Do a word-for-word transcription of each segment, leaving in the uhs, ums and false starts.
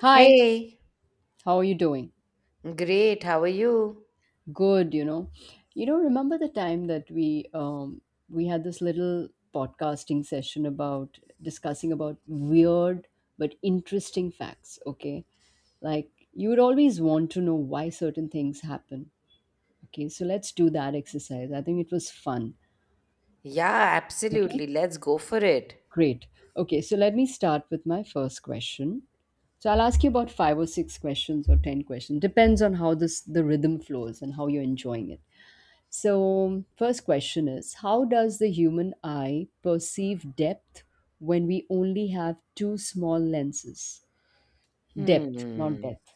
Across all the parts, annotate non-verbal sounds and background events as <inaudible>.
Hi, Hey, how are you doing? great. How are you? Good, you know. You know, remember the time that we um we had this little podcasting session about discussing about weird but interesting facts, okay? Like you would always want to know why certain things happen. Okay, so let's do that exercise. I think it was fun. Yeah, Okay? absolutely. Let's go for it. Great. Okay, so let me start with my first question. So I'll ask you about five or six questions or ten questions. Depends on how this the rhythm flows and how you're enjoying it. So, first question is, how does the human eye perceive depth when we only have two small lenses? Depth, not Hmm. depth.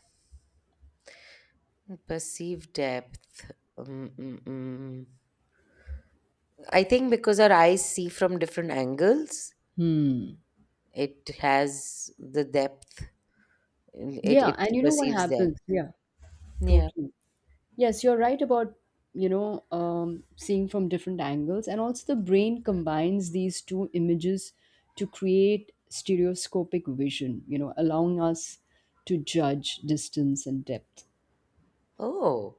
Perceived depth. Mm, mm, mm. I think because our eyes see from different angles, Hmm. it has the depth. It Yeah, it and you know what perceives happens? depth. Yeah, Yeah. totally. Yes, you're right about, you know, um, seeing from different angles. And also, the brain combines these two images to create stereoscopic vision, you know, allowing us to judge distance and depth. Oh,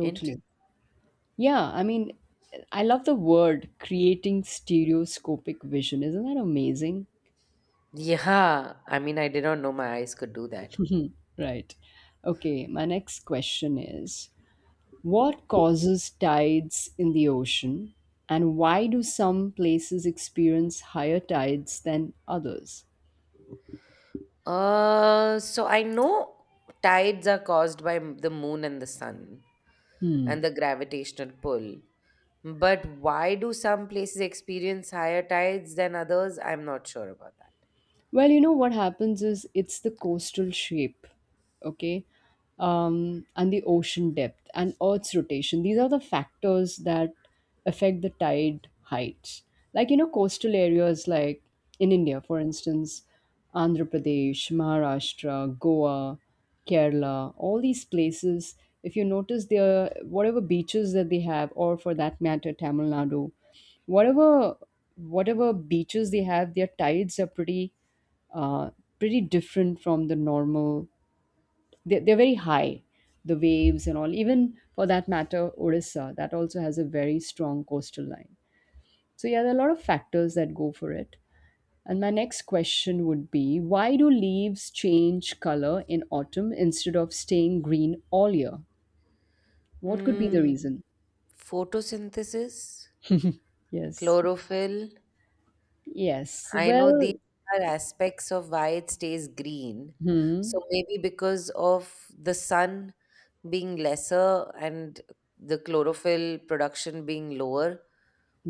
interesting. Yeah, I mean, I love the word creating stereoscopic vision. Isn't that amazing? Yeah. I mean, I did not know my eyes could do that. Right. Okay, my next question is, what causes tides in the ocean, and why do some places experience higher tides than others? Uh, so I know tides are caused by m- the moon and the sun and Hmm. the gravitational pull. But why do some places experience higher tides than others? I'm not sure about that. Well, you know what happens is, it's the coastal shape, okay, um, and the ocean depth and Earth's rotation. These are the factors that affect the tide heights. Like, you know, coastal areas like in India, for instance, Andhra Pradesh, Maharashtra, Goa, Kerala, all these places, if you notice, their whatever beaches that they have, or for that matter, Tamil Nadu, whatever whatever beaches they have, their tides are pretty uh, pretty different from the normal. They're, they're very high, the waves and all. Even for that matter, Odisha, that also has a very strong coastal line. So, yeah, there are a lot of factors that go for it. And my next question would be, why do leaves change color in autumn instead of staying green all year? What could be the Mm. reason? Photosynthesis, Yes. chlorophyll, Yes. I know these Well, are aspects of why it stays green. hmm. So maybe because of the sun being lesser and the chlorophyll production being lower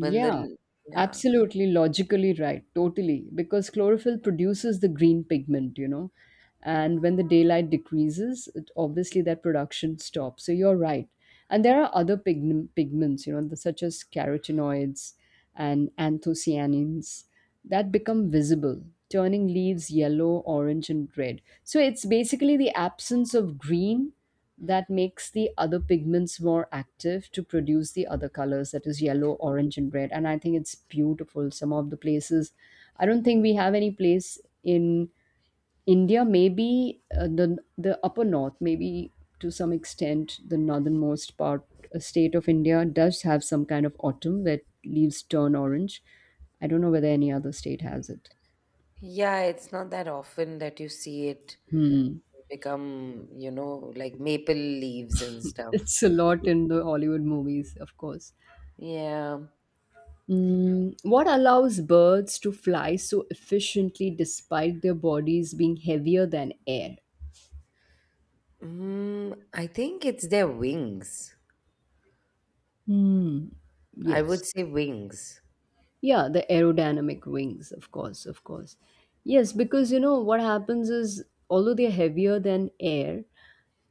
when the l- yeah, absolutely logically right, totally. Because chlorophyll produces the green pigment, you know, and when the daylight decreases, it, obviously that production stops. So you're right. And there are other pigmen- pigments, you know, the- such as carotenoids and anthocyanins that become visible, turning leaves yellow, orange, and red. So it's basically the absence of green that makes the other pigments more active to produce the other colors, that is, yellow, orange, and red. And I think it's beautiful. Some of the places, I don't think we have any place in India. Maybe uh, the the upper north, maybe to some extent the northernmost part, uh, state of India does have some kind of autumn where leaves turn orange. I don't know whether any other state has it. yeah, it's not that often that you see it Hmm. become you know like maple leaves and stuff. It's a lot in the Hollywood movies, of course. Yeah. Mm, what allows birds to fly so efficiently despite their bodies being heavier than air? Mm, I think it's their wings. Hmm. I Yes. would say wings. Yeah, the aerodynamic wings, of course, of course. Yes, because you know what happens is, although they're heavier than air,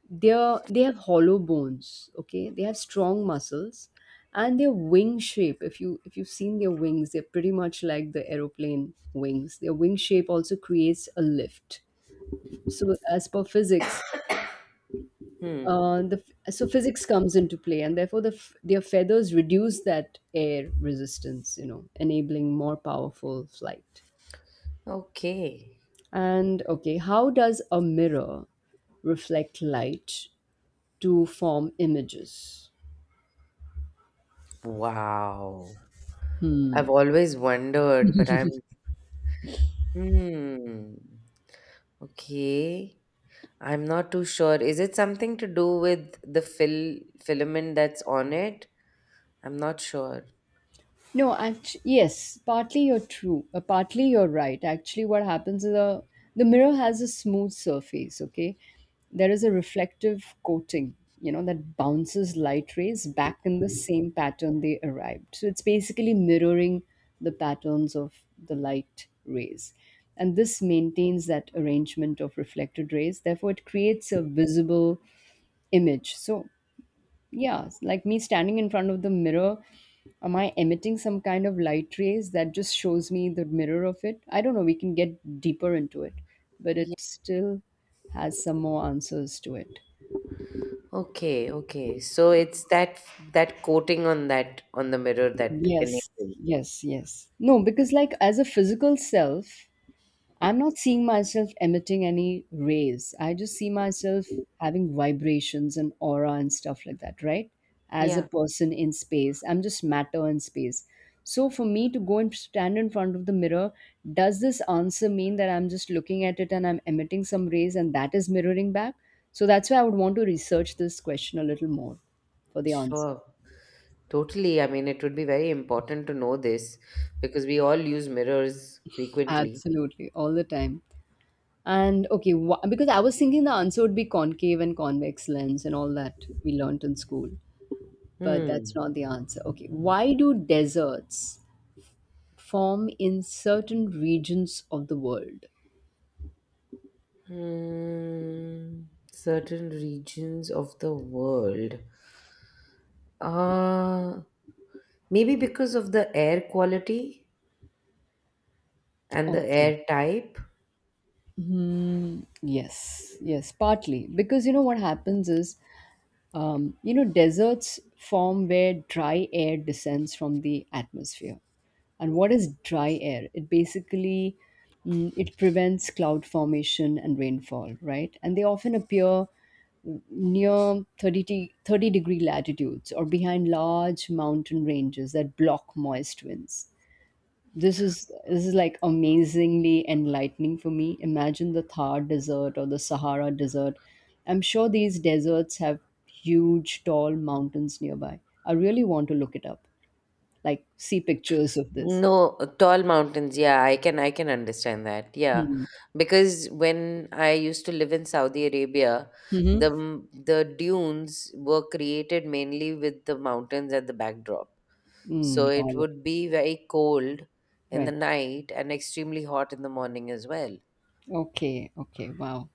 they're they have hollow bones, okay? They have strong muscles, and their wing shape, if you if you've seen their wings, they're pretty much like the aeroplane wings. Their wing shape also creates a lift. So as per physics, Hmm. uh, the f- so physics comes into play, and therefore the f- their feathers reduce that air resistance, you know enabling more powerful flight. Okay. And okay, how does a mirror reflect light to form images? Wow. I've always wondered, but I'm. Hmm. Okay. I'm not too sure. Is it something to do with the fil filament that's on it? I'm not sure. No, actually, yes, partly you're true. Uh, partly you're right. Actually, what happens is, the the mirror has a smooth surface. Okay, there is a reflective coating, you know, that bounces light rays back in the same pattern they arrived. So it's basically mirroring the patterns of the light rays, and this maintains that arrangement of reflected rays. Therefore, it creates a visible image. So yeah, like me standing in front of the mirror, am I emitting some kind of light rays that just shows me the mirror of it? I don't know. We can get deeper into it, but Yeah. it still has some more answers to it. Okay, okay. So it's that that coating on that on the mirror that Yes, enables it. yes, yes. No, because like as a physical self, I'm not seeing myself emitting any rays. I just see myself having vibrations and aura and stuff like that, right? As a Yeah, person in space, I'm just matter in space. So for me to go and stand in front of the mirror, does this answer mean that I'm just looking at it and I'm emitting some rays and that is mirroring back? So that's why I would want to research this question a little more for the answer. sure. Totally. I mean, it would be very important to know this because we all use mirrors frequently. Absolutely, all the time. And okay, wha- because I was thinking the answer would be concave and convex lens and all that we learnt in school, but that's Hmm. not the answer. Okay, why do deserts form in certain regions of the world? Hmm. Certain regions of the world. Uh, Maybe because of the air quality and the Okay. air type. Hmm, yes, yes, partly because you know what happens is, Um, you know, deserts form where dry air descends from the atmosphere. And what is dry air? It basically mm, it prevents cloud formation and rainfall, right? And they often appear near 30, de- thirty degree latitudes or behind large mountain ranges that block moist winds. This is this is like amazingly enlightening for me. Imagine the Thar Desert or the Sahara Desert. I'm sure these deserts have huge tall mountains nearby. I really want to look it up, like see pictures of this. No, tall mountains. Yeah, I can I can understand that. Yeah. Hmm. Because when I used to live in Saudi Arabia, Mm-hmm. the m- the dunes were created mainly with the mountains at the backdrop. Mm, So got it it. would be very cold in the Right. night and extremely hot in the morning as well. Okay, okay, wow.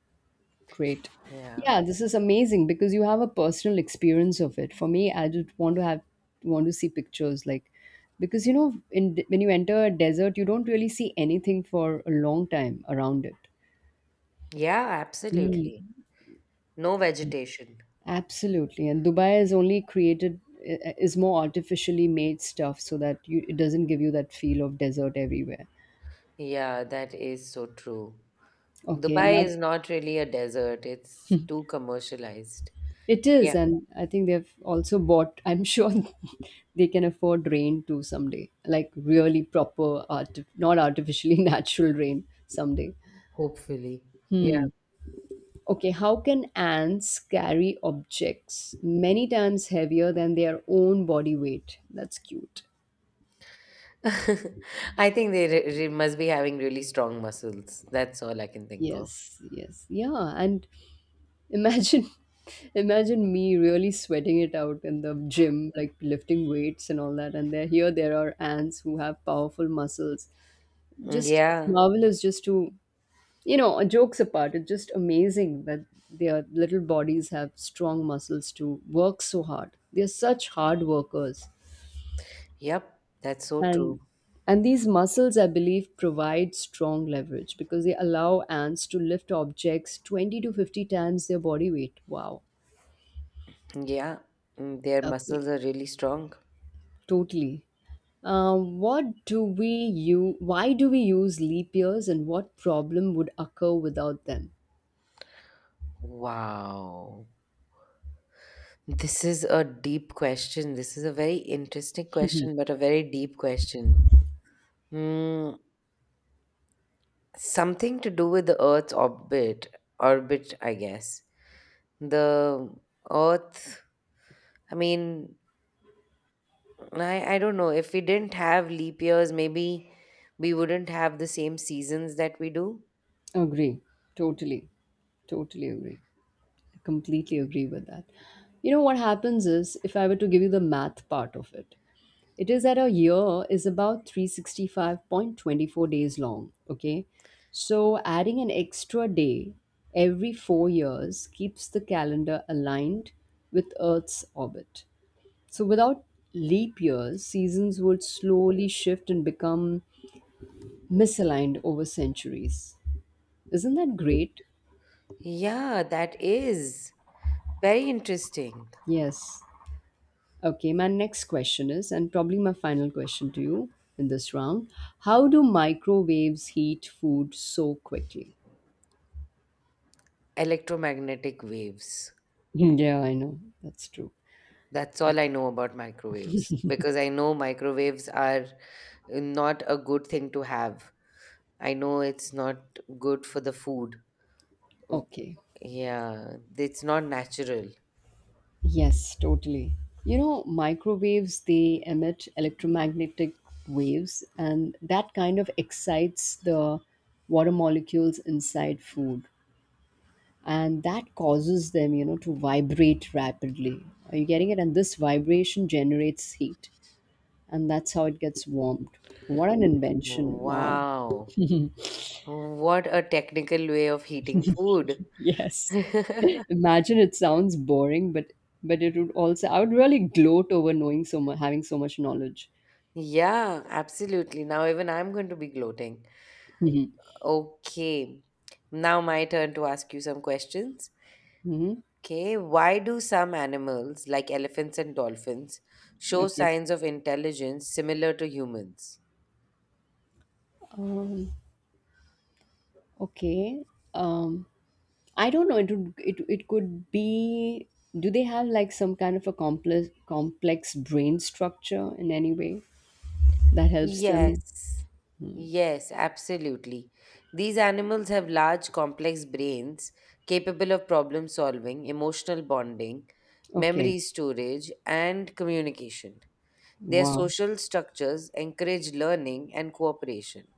Great. Yeah. Yeah, this is amazing because you have a personal experience of it. For me, I just want to have want to see pictures, like, because you know in when you enter a desert, you don't really see anything for a long time around it. Yeah, absolutely. Mm. No vegetation. Absolutely. And Dubai is only created, i- is more artificially made stuff, so that you it doesn't give you that feel of desert everywhere. Yeah, that is so true. Okay, Dubai now, is not really a desert. It's too commercialized. it is, Yeah. and I think they've also bought, I'm sure <laughs> they can afford rain too someday, like really proper, arti- not artificially <laughs> natural rain someday. Hopefully. Yeah. Okay, how can ants carry objects many times heavier than their own body weight? That's cute. <laughs> I think they re- re- must be having really strong muscles. That's all I can think of. Yes, yes, yeah. And imagine, <laughs> imagine me really sweating it out in the gym, like lifting weights and all that. And there, here there are ants who have powerful muscles. Mm, Just it's yeah. marvelous, just to, you know uh, jokes apart, it's just amazing that their little bodies have strong muscles to work so hard. They're such hard workers. Yep. That's so true. And and these muscles, I believe, provide strong leverage, because they allow ants to lift objects twenty to fifty times their body weight. Wow. Yeah. Mm, Their Okay. muscles are really strong. Totally. Um, what do we use Why do we use leap years, and what problem would occur without them? Wow. This is a deep question. This is a very interesting question, but a very deep question. Hmm. Something to do with the Earth's orbit, orbit, I guess. The Earth, I mean, I, I don't know. If we didn't have leap years, maybe we wouldn't have the same seasons that we do. Agree, totally. Totally agree. I completely agree with that. You know what happens is, if I were to give you the math part of it, it is that a year is about three hundred sixty-five point two four days long. Okay. So adding an extra day every four years keeps the calendar aligned with Earth's orbit. So without leap years, seasons would slowly shift and become misaligned over centuries. Isn't that great? Yeah, that is very interesting. Yes. Okay, my next question is, and probably my final question to you in this round, how do microwaves heat food so quickly? Electromagnetic waves. <laughs> Yeah, I know, that's true. That's all I know about microwaves because I know microwaves are not a good thing to have. I know it's not good for the food. W- Okay, Yeah, it's not natural. yes, totally. You know, microwaves, they emit electromagnetic waves, and that kind of excites the water molecules inside food. And that causes them, you know, to vibrate rapidly. Are you getting it? And this vibration generates heat. And that's how it gets warmed. What an invention! Wow. Wow. What a technical way of heating food. Yes. <laughs> <laughs> Imagine it sounds boring, but but it would also I would really gloat over knowing so much, having so much knowledge. Yeah, absolutely. Now even I'm going to be gloating. Okay. Now my turn to ask you some questions. Hmm. Okay, why do some animals like elephants and dolphins show Okay. signs of intelligence similar to humans? Um, okay. Um, I don't know. It would, it it could be. Do they have like some kind of a complex complex brain structure in any way that helps them? Yes. Yes, absolutely. These animals have large complex brains capable of problem solving, emotional bonding, Okay. memory storage and communication. Their Wow. social structures encourage learning and cooperation.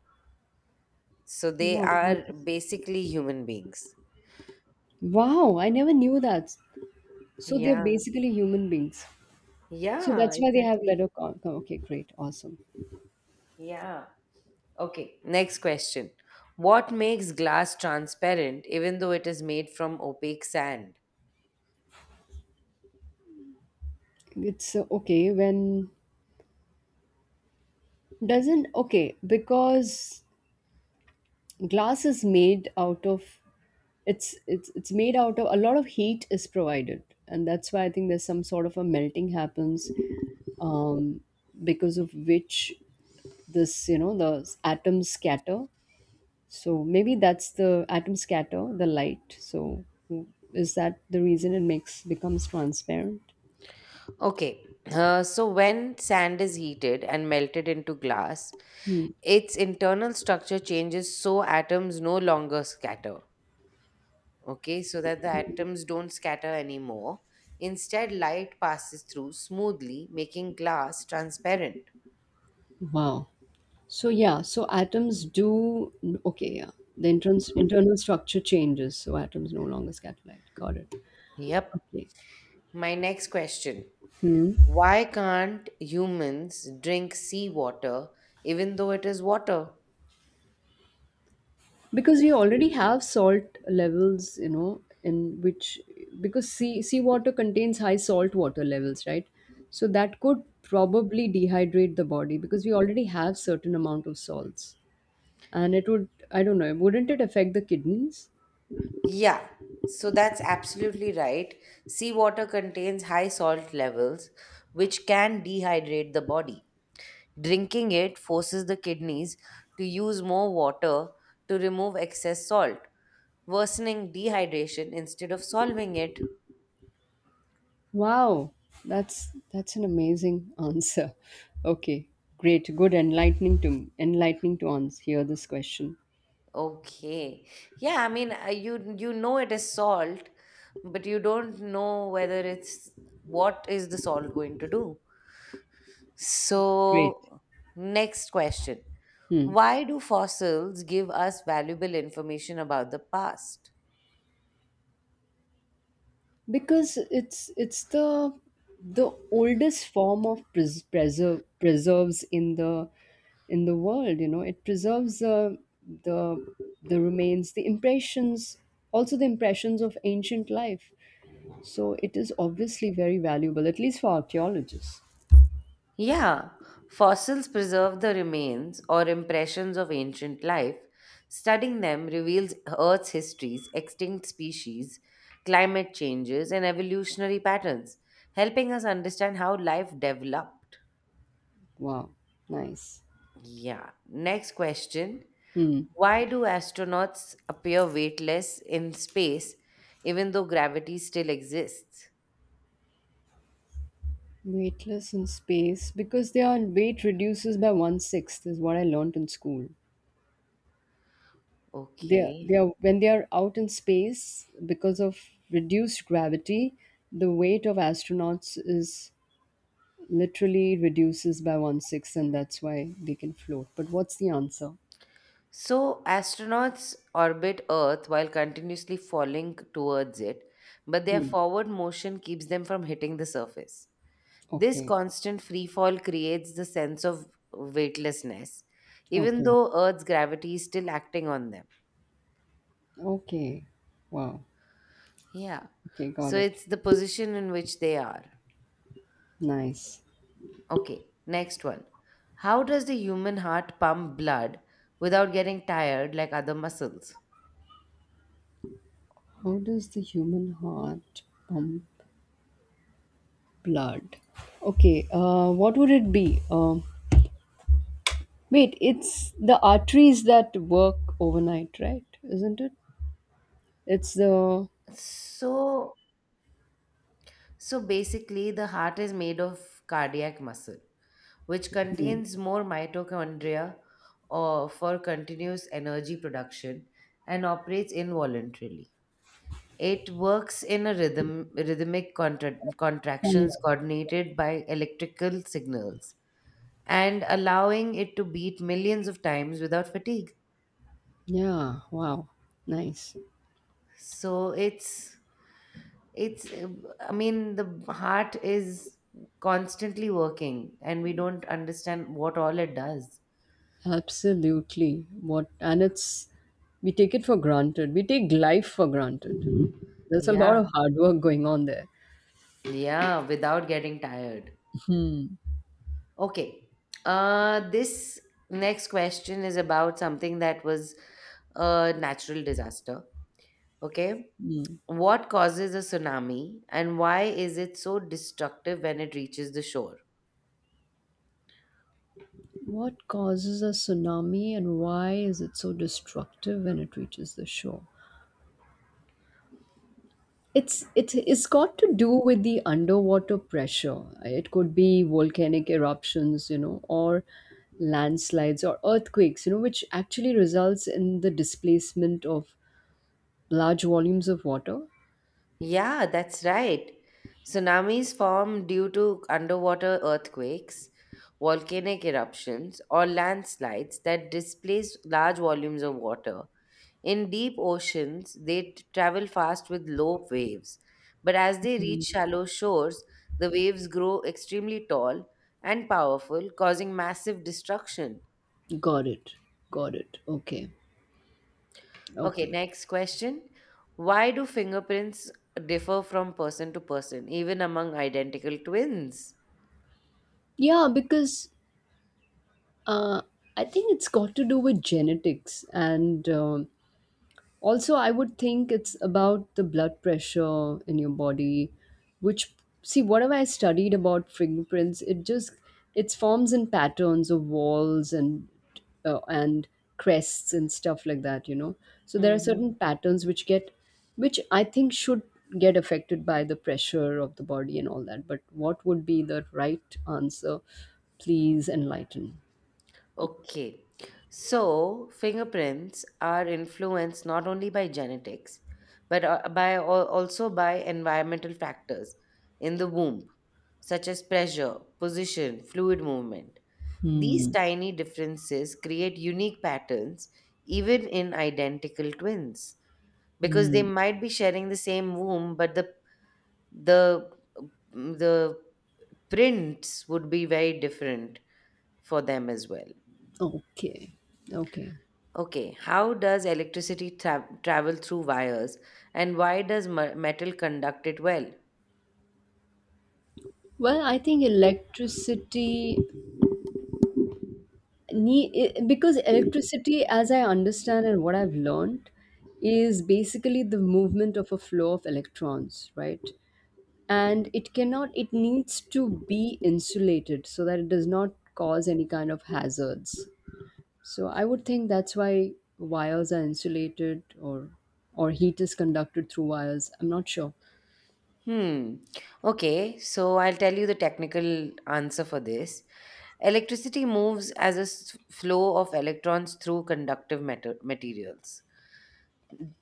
So they Wow. are basically human beings. Wow. I never knew that. So they're Yeah. basically human beings. So Yeah, that's why they have exactly. better. Con- con- okay, great, awesome. Yeah. Okay, next question. What makes glass transparent even though it is made from opaque sand? It's uh, okay, when doesn't. Okay, because glass is made out of, it's it's it's made out of, a lot of heat is provided, and that's why I think there's some sort of a melting happens, um, because of which this, you know the s- atoms scatter. So maybe that's the atom scatter the light. So mm, is that the reason it makes becomes transparent? Okay, uh, so when sand is heated and melted into glass, Hmm. its internal structure changes so atoms no longer scatter. Okay, so that the atoms don't scatter anymore. Instead, light passes through smoothly, making glass transparent. Wow. So yeah, so atoms do, okay, yeah. The entrance internal structure changes, so atoms no longer scatterlight. Got it. Yep. Okay. My next question. Why can't humans drink seawater even though it is water? Because we already have salt levels, you know, in which because sea seawater contains high salt water levels, right? So that could probably dehydrate the body because we already have certain amount of salts. And it would I don't know, wouldn't it affect the kidneys? Yeah, so that's absolutely right. Seawater contains high salt levels, which can dehydrate the body. Drinking it forces the kidneys to use more water to remove excess salt, worsening dehydration instead of solving it. Wow, that's that's an amazing <laughs> answer. Okay, great, good, enlightening to enlightening to answer hear this question. Okay. Yeah, I mean, uh, you you know it is salt, but you don't know whether it's what is the salt going to do. Great, So, next question. hmm. Why do fossils give us valuable information about the past? because it's it's the the oldest form of pres- preserve preserves in the in the world. You know, it preserves the the the remains, the impressions, also the impressions of ancient life. So it is obviously very valuable, at least for archaeologists. Yeah, fossils preserve the remains or impressions of ancient life. Studying them reveals Earth's histories, extinct species, climate changes, and evolutionary patterns, helping us understand how life developed. Wow, nice. Yeah, next question. Hmm. Why do astronauts appear weightless in space even though gravity still exists? Weightless in space because their weight reduces by one sixth is what I learned in school. They they Okay. are when they are out in space because of reduced gravity, the weight of astronauts is literally reduces by one sixth, and that's why they can float. But what's the answer? So, astronauts orbit Earth while continuously falling towards it, but their Hmm. forward motion keeps them from hitting the surface. This Okay. constant free fall creates the sense of weightlessness, even Okay. though Earth's gravity is still acting on them. Okay. Wow. Yeah. Okay. Got So, it. it's the position in which they are. Nice. Okay, next one. How does the human heart pump blood without getting tired like other muscles? How does the human heart pump blood? Okay. Uh, what would it be? Um, Wait, it's the arteries that work overnight, right? Isn't it? It's the. So, So basically, the heart is made of cardiac muscle, which Hmm. contains more mitochondria or for continuous energy production and operates involuntarily. It works in a rhythm, rhythmic contra- Mm. contractions coordinated by electrical signals and allowing it to beat millions of times without fatigue. Yeah, wow. Nice. So it's it's uh, I mean the heart is constantly working and we don't understand what all it does. Absolutely. What and it's we take it for granted. We take life for granted. There's a lot Yeah, of hard work going on there. yeah, without getting tired. Okay. Uh this next question is about something that was a natural disaster. Okay, what causes a tsunami and why is it so destructive when it reaches the shore? What causes a tsunami and why is it so destructive when it reaches the shore? It's it it's got to do with the underwater pressure. It could be volcanic eruptions, you know, or landslides or earthquakes, you know, which actually results in the displacement of large volumes of water. Yeah, that's right. Tsunamis form due to underwater earthquakes, volcanic eruptions, or landslides that displace large volumes of water. In deep oceans, they t- travel fast with low waves, but as they reach shallow shores, the waves grow extremely tall and powerful, causing massive destruction. Got it. Got it. Okay. Okay, Okay. next question. Why do fingerprints differ from person to person, even among identical twins? Yeah, because uh, I think it's got to do with genetics, and um also, I would think it's about the blood pressure in your body, which see whatever I studied about fingerprints, it just it's forms and patterns of walls and uh, and crests and stuff like that, you know. So there are Mhm. certain patterns which get which I think should get affected by the pressure of the body and all that. But what would be the right answer? Please enlighten. Okay. So, fingerprints are influenced not only by genetics, but uh, by al- also by environmental factors in the womb, such as pressure, position, fluid movement. These Hmm. tiny differences create unique patterns even in identical twins because they Hmm. might be sharing the same womb, but the the mm, the prints would be very different for them as well. Okay. Okay. Okay, how does electricity tra- travel through wires and why does m- metal conduct it well? Well, I think electricity nee- i- because electricity, as I understand and what I've learned, is basically the movement of a flow of electrons, right? And it cannot, it needs to be insulated so that it does not cause any kind of hazards. So I would think that's why wires are insulated or or heat is conducted through wires. I'm not sure. Hmm. Okay, so I'll tell you the technical answer for this. Electricity moves as a s- flow of electrons through conductive metal- materials.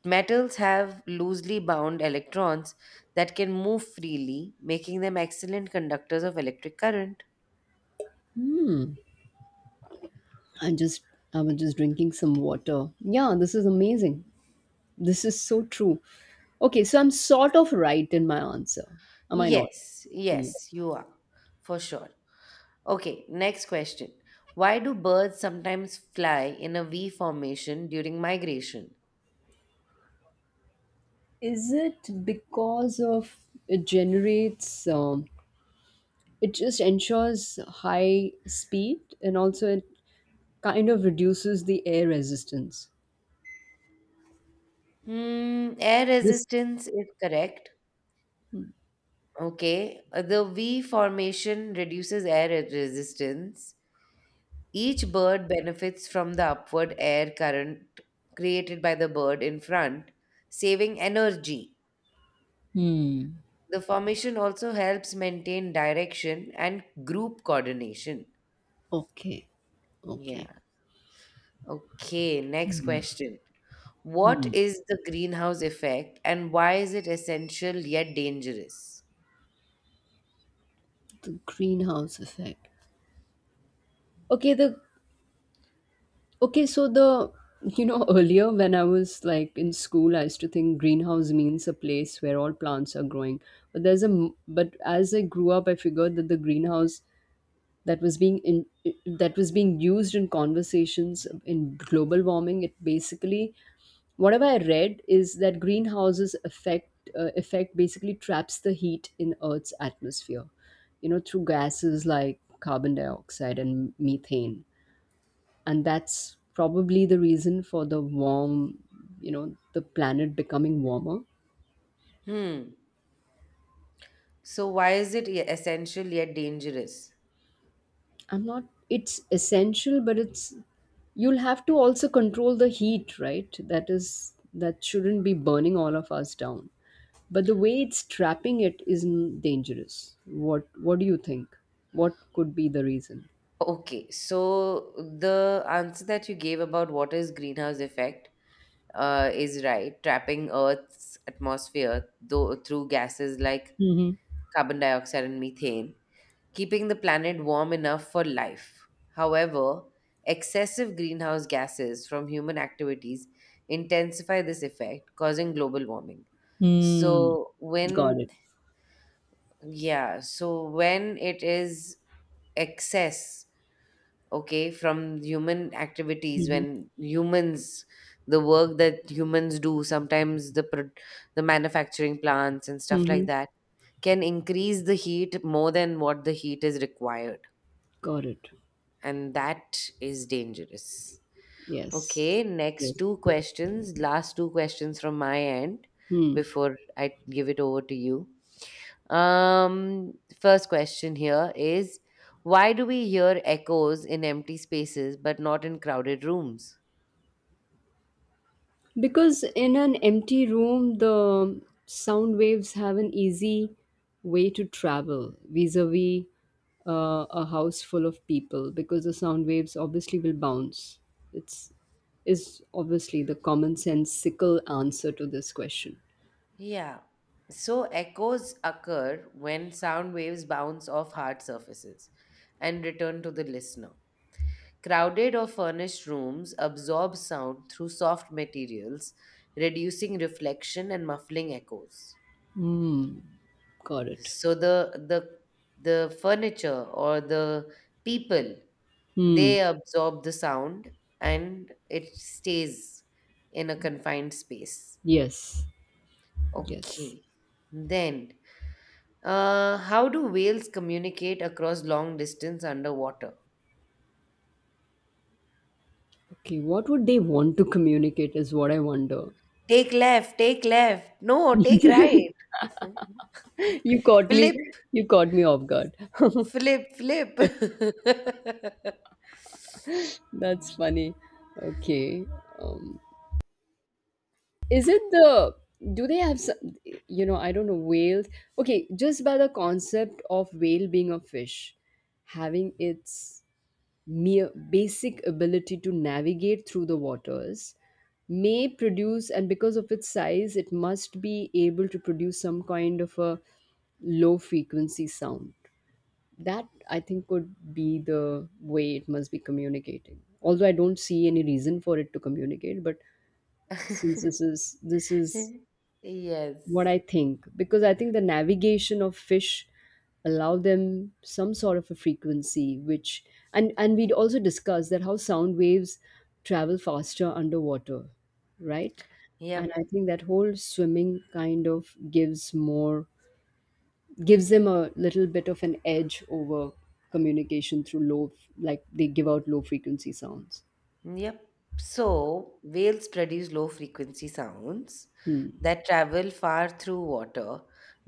Metals have loosely bound electrons that can move freely, making them excellent conductors of electric current. Hmm. I just I was just drinking some water. Yeah, this is amazing. This is so true. Okay, so I'm sort of right in my answer. Am I not? Yes, Hmm. yes, you are, for sure. Okay, next question. Why do birds sometimes fly in a V formation during migration? Is it because of it generates um, it just ensures high speed and also it kind of reduces the air resistance. Hmm, air This resistance is correct. Okay, uh, the V formation reduces air re- resistance. Each bird benefits from the upward air current created by the bird in front, saving energy. hmm. The formation also helps maintain direction and group coordination. Okay. Okay. Yeah. Okay, next question. What is the greenhouse effect and why is it essential yet dangerous? The greenhouse effect. Okay, the okay, so the you know <laughs> earlier when I was like in school, I used to think greenhouse means a place where all plants are growing. But there's a m- but as I grew up, I figured that the greenhouse that was being in that was being used in conversations in global warming. It basically whatever I read is that greenhouses affect uh, effect basically traps the heat in Earth's atmosphere, you know, through gases like carbon dioxide and methane, and that's probably the reason for the warm you know the planet becoming warmer. Hmm. So, why is it e- essential yet dangerous? I'm not It's essential but it's you'll have to also control the heat, right? That is that shouldn't be burning all of us down, but the way it's trapping it is n- dangerous. what what do you think, what could be the reason? Okay, so the answer that you gave about what is greenhouse effect uh, is right. Trapping Earth's atmosphere though, through gases like Hmm. carbon dioxide and methane, keeping the planet warm enough for life. However, excessive greenhouse gases from human activities intensify this effect, causing global warming. Mm. So, Got when, it. yeah, so when it is excess, okay, from human activities, Hmm. when humans, the work that humans do, sometimes the, pro- the manufacturing plants and stuff like Hmm. that, can increase the heat more than what the heat is required, Got it. and that is dangerous. Yes. Okay, Yes. next two questions, last two questions from my end Hmm. before I give it over to you. Um, First question here is, why do we hear echoes in empty spaces but not in crowded rooms? Because in an empty room, the sound waves have an easy way to travel vis a vis a house full of people, because the sound waves obviously will bounce. It's is obviously the common sensical answer to this question. Yeah. So echoes occur when sound waves bounce off hard surfaces and return to the listener. Crowded or furnished rooms absorb sound through soft materials, reducing reflection and muffling echoes. Hmm, got it. So the the the furniture or the people, Hmm, they absorb the sound and it stays in a confined space. yes, yes. Okay. Then, uh, how do whales communicate across long distance underwater? Okay, what would they want to communicate is what I wonder. Take left, take left. No, take right. <laughs> <laughs> You caught me, Flip, you caught me off guard. flip, flip. <laughs> That's funny. Okay. Um, is it the do they have some you know, I don't know, whales? Okay, just by the concept of whale being a fish, having its mere basic ability to navigate through the waters may produce and because of its size it must be able to produce some kind of a low frequency sound that I think could be the way it must be communicating, although I don't see any reason for it to communicate but since this is this is what Yes. I think because I think the navigation of fish allow them some sort of a frequency which and and we'd also discuss that how sound waves travel faster underwater, right? And I Yep. think that whole swimming kind of gives more gives them a little bit of an edge over communication through low, like they give out low frequency sounds. Yep. So, whales produce low frequency sounds Hmm. that travel far through water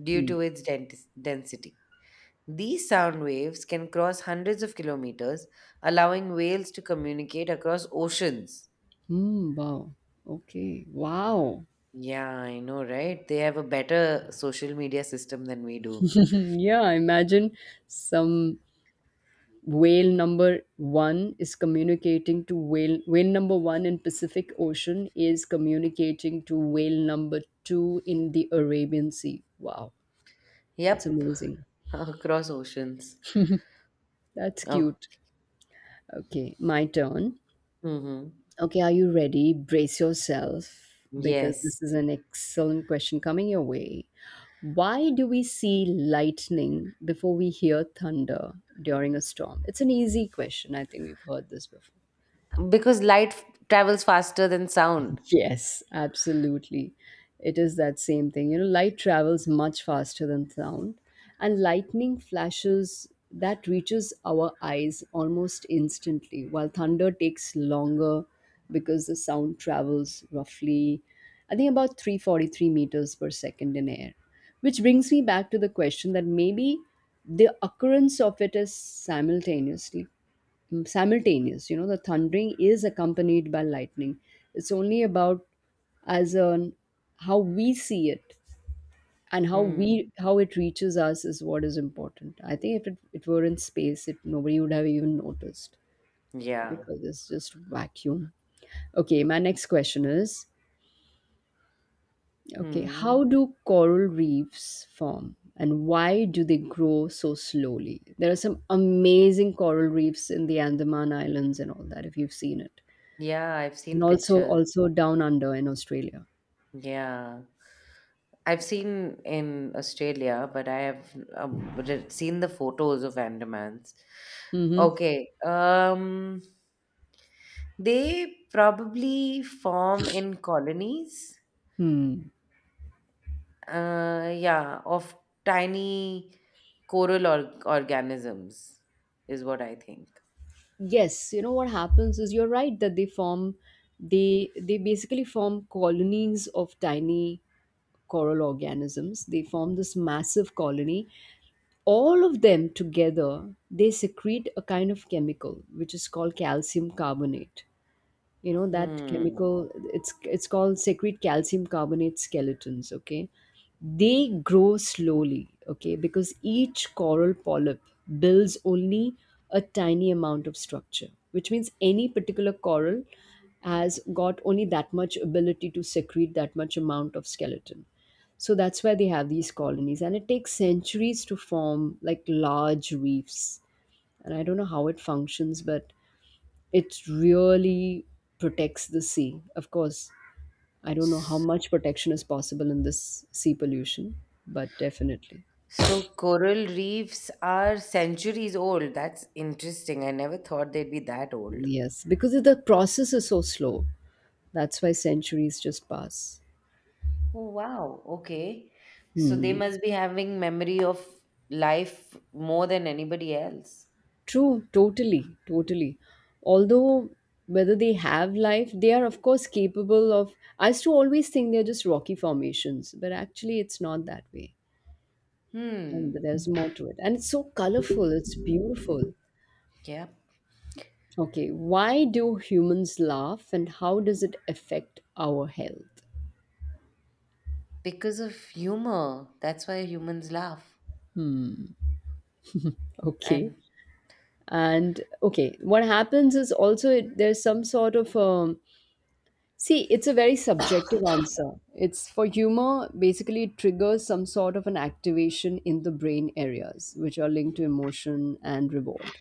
due Hmm. to its dens- density. These sound waves can cross hundreds of kilometers, allowing whales to communicate across oceans. Hmm, wow. Okay, wow. Yeah, I know, right? They have a better social media system than we do. <laughs> Yeah, imagine some whale number one is communicating to whale whale number one in Pacific Ocean is communicating to whale number two in the Arabian Sea. Wow, that's Yep, amazing, <laughs> across oceans. that's Oh, cute. Okay, my turn. mm-hmm. Okay, are you ready? Brace yourself because this is Yes, an excellent question coming your way. Why do we see lightning before we hear thunder during a storm? It's an easy question. I think we've heard this before. because light f- travels faster than sound. Yes, absolutely. It is that same thing. You know, light travels much faster than sound, and lightning flashes that reaches our eyes almost instantly, while thunder takes longer because the sound travels roughly, I think, about three hundred forty-three meters per second in air. Which brings me back to the question that maybe the occurrence of it is simultaneously mm, simultaneous. You know, the thundering is accompanied by lightning. It's only about as on how we see it and how we Hmm. how it reaches us is what is important. I think if it, it were in space, it nobody would have even noticed Yeah. because it's just vacuum. Okay, my next question is okay, how Hmm. do coral reefs form and why do they grow so slowly? There are some amazing coral reefs in the Andaman Islands and all that if you've seen it. Yeah, I've and seen also pictures. also down under in Australia. Yeah. I've seen in Australia, but I have um, re- seen the photos of Andamans. Hmm. Okay. Um. They probably form in colonies, Hmm. uh, yeah, of tiny coral or- organisms, is what I think. Yes, you know what happens is you're right that they form they they basically form colonies of tiny coral organisms. They form this massive colony. All of them together, they secrete a kind of chemical which is called calcium carbonate. You know that Hmm. chemical it's it's called secrete calcium carbonate skeletons, okay? They grow slowly okay because each coral polyp builds only a tiny amount of structure, which means any particular coral has got only that much ability to secrete that much amount of skeleton. So that's why they have these colonies and it takes centuries to form like large reefs, and I don't know how it functions but it really protects the sea. Of course, I don't know how S- much protection is possible in this sea pollution, but definitely. So coral reefs are centuries old. That's interesting. I never thought they'd be that old. Yes, because the process is so slow. That's why centuries just pass. Oh, wow. Okay. So they Hmm. must be having memory of life more than anybody else. True, totally, totally. Although whether they have life, they are of course capable of. I used to always think they're just rocky formations, but actually it's not that way. And Hmm. there's more to it. And it's so colorful, it's beautiful. Yeah. Okay, why do humans laugh and how does it affect our health? Because of humor. That's why humans laugh. Okay, And and okay, what happens is also it, there's some sort of um, see, it's a very subjective answer. It's for humor, basically, it triggers some sort of an activation in the brain areas which are linked to emotion and reward.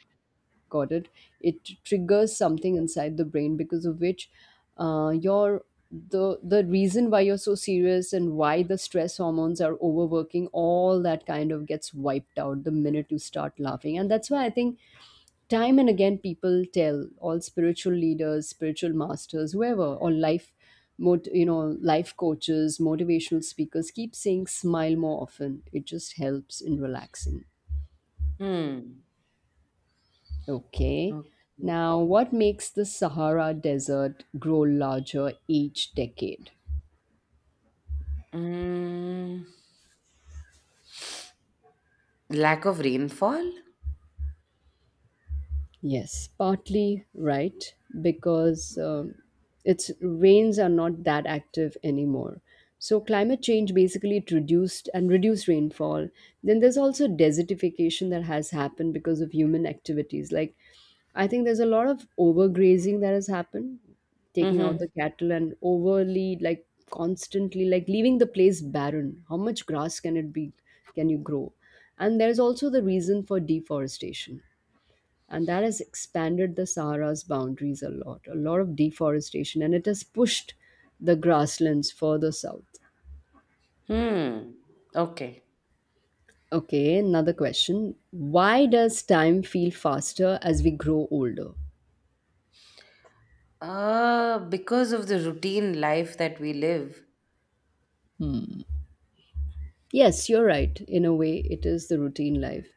Got it, it triggers something inside the brain because of which uh, your the the reason why you're so serious and why the stress hormones are overworking all that kind of gets wiped out the minute you start laughing, and that's why I think time and again people tell all spiritual leaders, spiritual masters, whoever, or life mot- you know life coaches, motivational speakers keep saying smile more often, it just helps in relaxing. hmm. Okay. Okay. Now, what makes the Sahara Desert grow larger each decade? Mm, Lack of rainfall? Yes, partly right because um, its rains are not that active anymore. So climate change basically it reduced and reduced rainfall. Then there's also desertification that has happened because of human activities. Like I think there's a lot of overgrazing that has happened, taking out Mm-hmm. the cattle and overly like constantly like leaving the place barren. How much grass can it be? Can you grow? And there's also the reason for deforestation, and that has expanded the Sahara's boundaries a lot. A lot of deforestation, and it has pushed the grasslands further south. Hmm. Okay. Okay, another question. Why does time feel faster as we grow older? Uh, because of the routine life that we live. Yes, you're right. In a way, it is the routine life.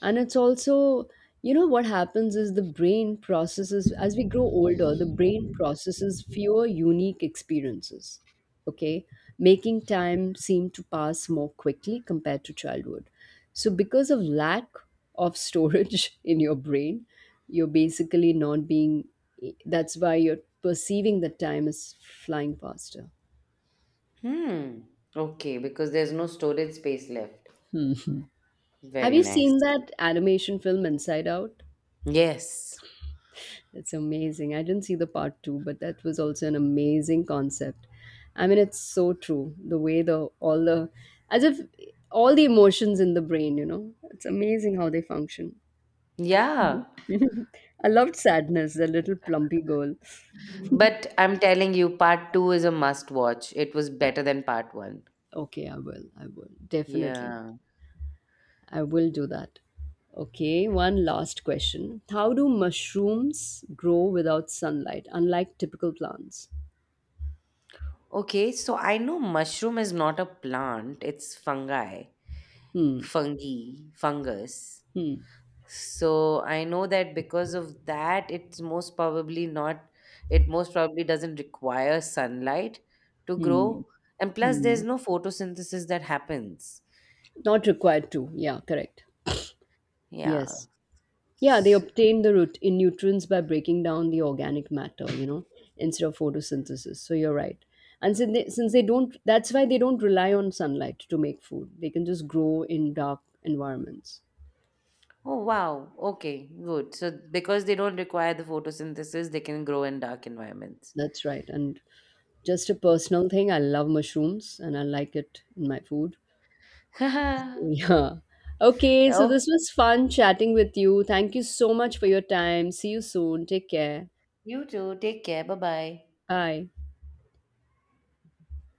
And it's also, you know, what happens is the brain processes, as we grow older, the brain processes fewer unique experiences, okay? Making time seem to pass more quickly compared to childhood. So, because of lack of storage <laughs> in your brain, you're basically not being, that's why you're perceiving that time is flying faster. Hmm. Okay, because there's no storage space left. Have Very you seen nice. that animation film Inside Out? Yes. It's amazing. I didn't see the part two, but that was also an amazing concept. I mean, it's so true. The way the all the as if all the emotions in the brain, you know, it's amazing how they function. Yeah. <laughs> I loved sadness, the little plumpy girl. But I'm telling you, part two is a must watch. It was better than part one. Okay, I will. I will definitely. Yeah. I will do that. Okay, one last question. How do mushrooms grow without sunlight, unlike typical plants? Okay, so I know mushroom is not a plant, it's fungi, Hmm. fungi, fungus. So I know that because of that, it's most probably not, it most probably doesn't require sunlight to Hmm. grow. And plus, there's Hmm. no photosynthesis that happens. Not required to. Yeah, correct. Yeah. Yes. Yeah, they S- obtain the root in nutrients by breaking down the organic matter, you know, instead of photosynthesis. So you're right. And since they, since they don't, that's why they don't rely on sunlight to make food. They can just grow in dark environments. Oh, wow. Okay, good. So because they don't require the photosynthesis, they can grow in dark environments. That's right. And just a personal thing, I love mushrooms and I like it in my food. <laughs> <laughs> Yeah. Okay, so Okay, this was fun chatting with you. Thank you so much for your time. See you soon. Take care. you too. Take care. Bye bye. Bye.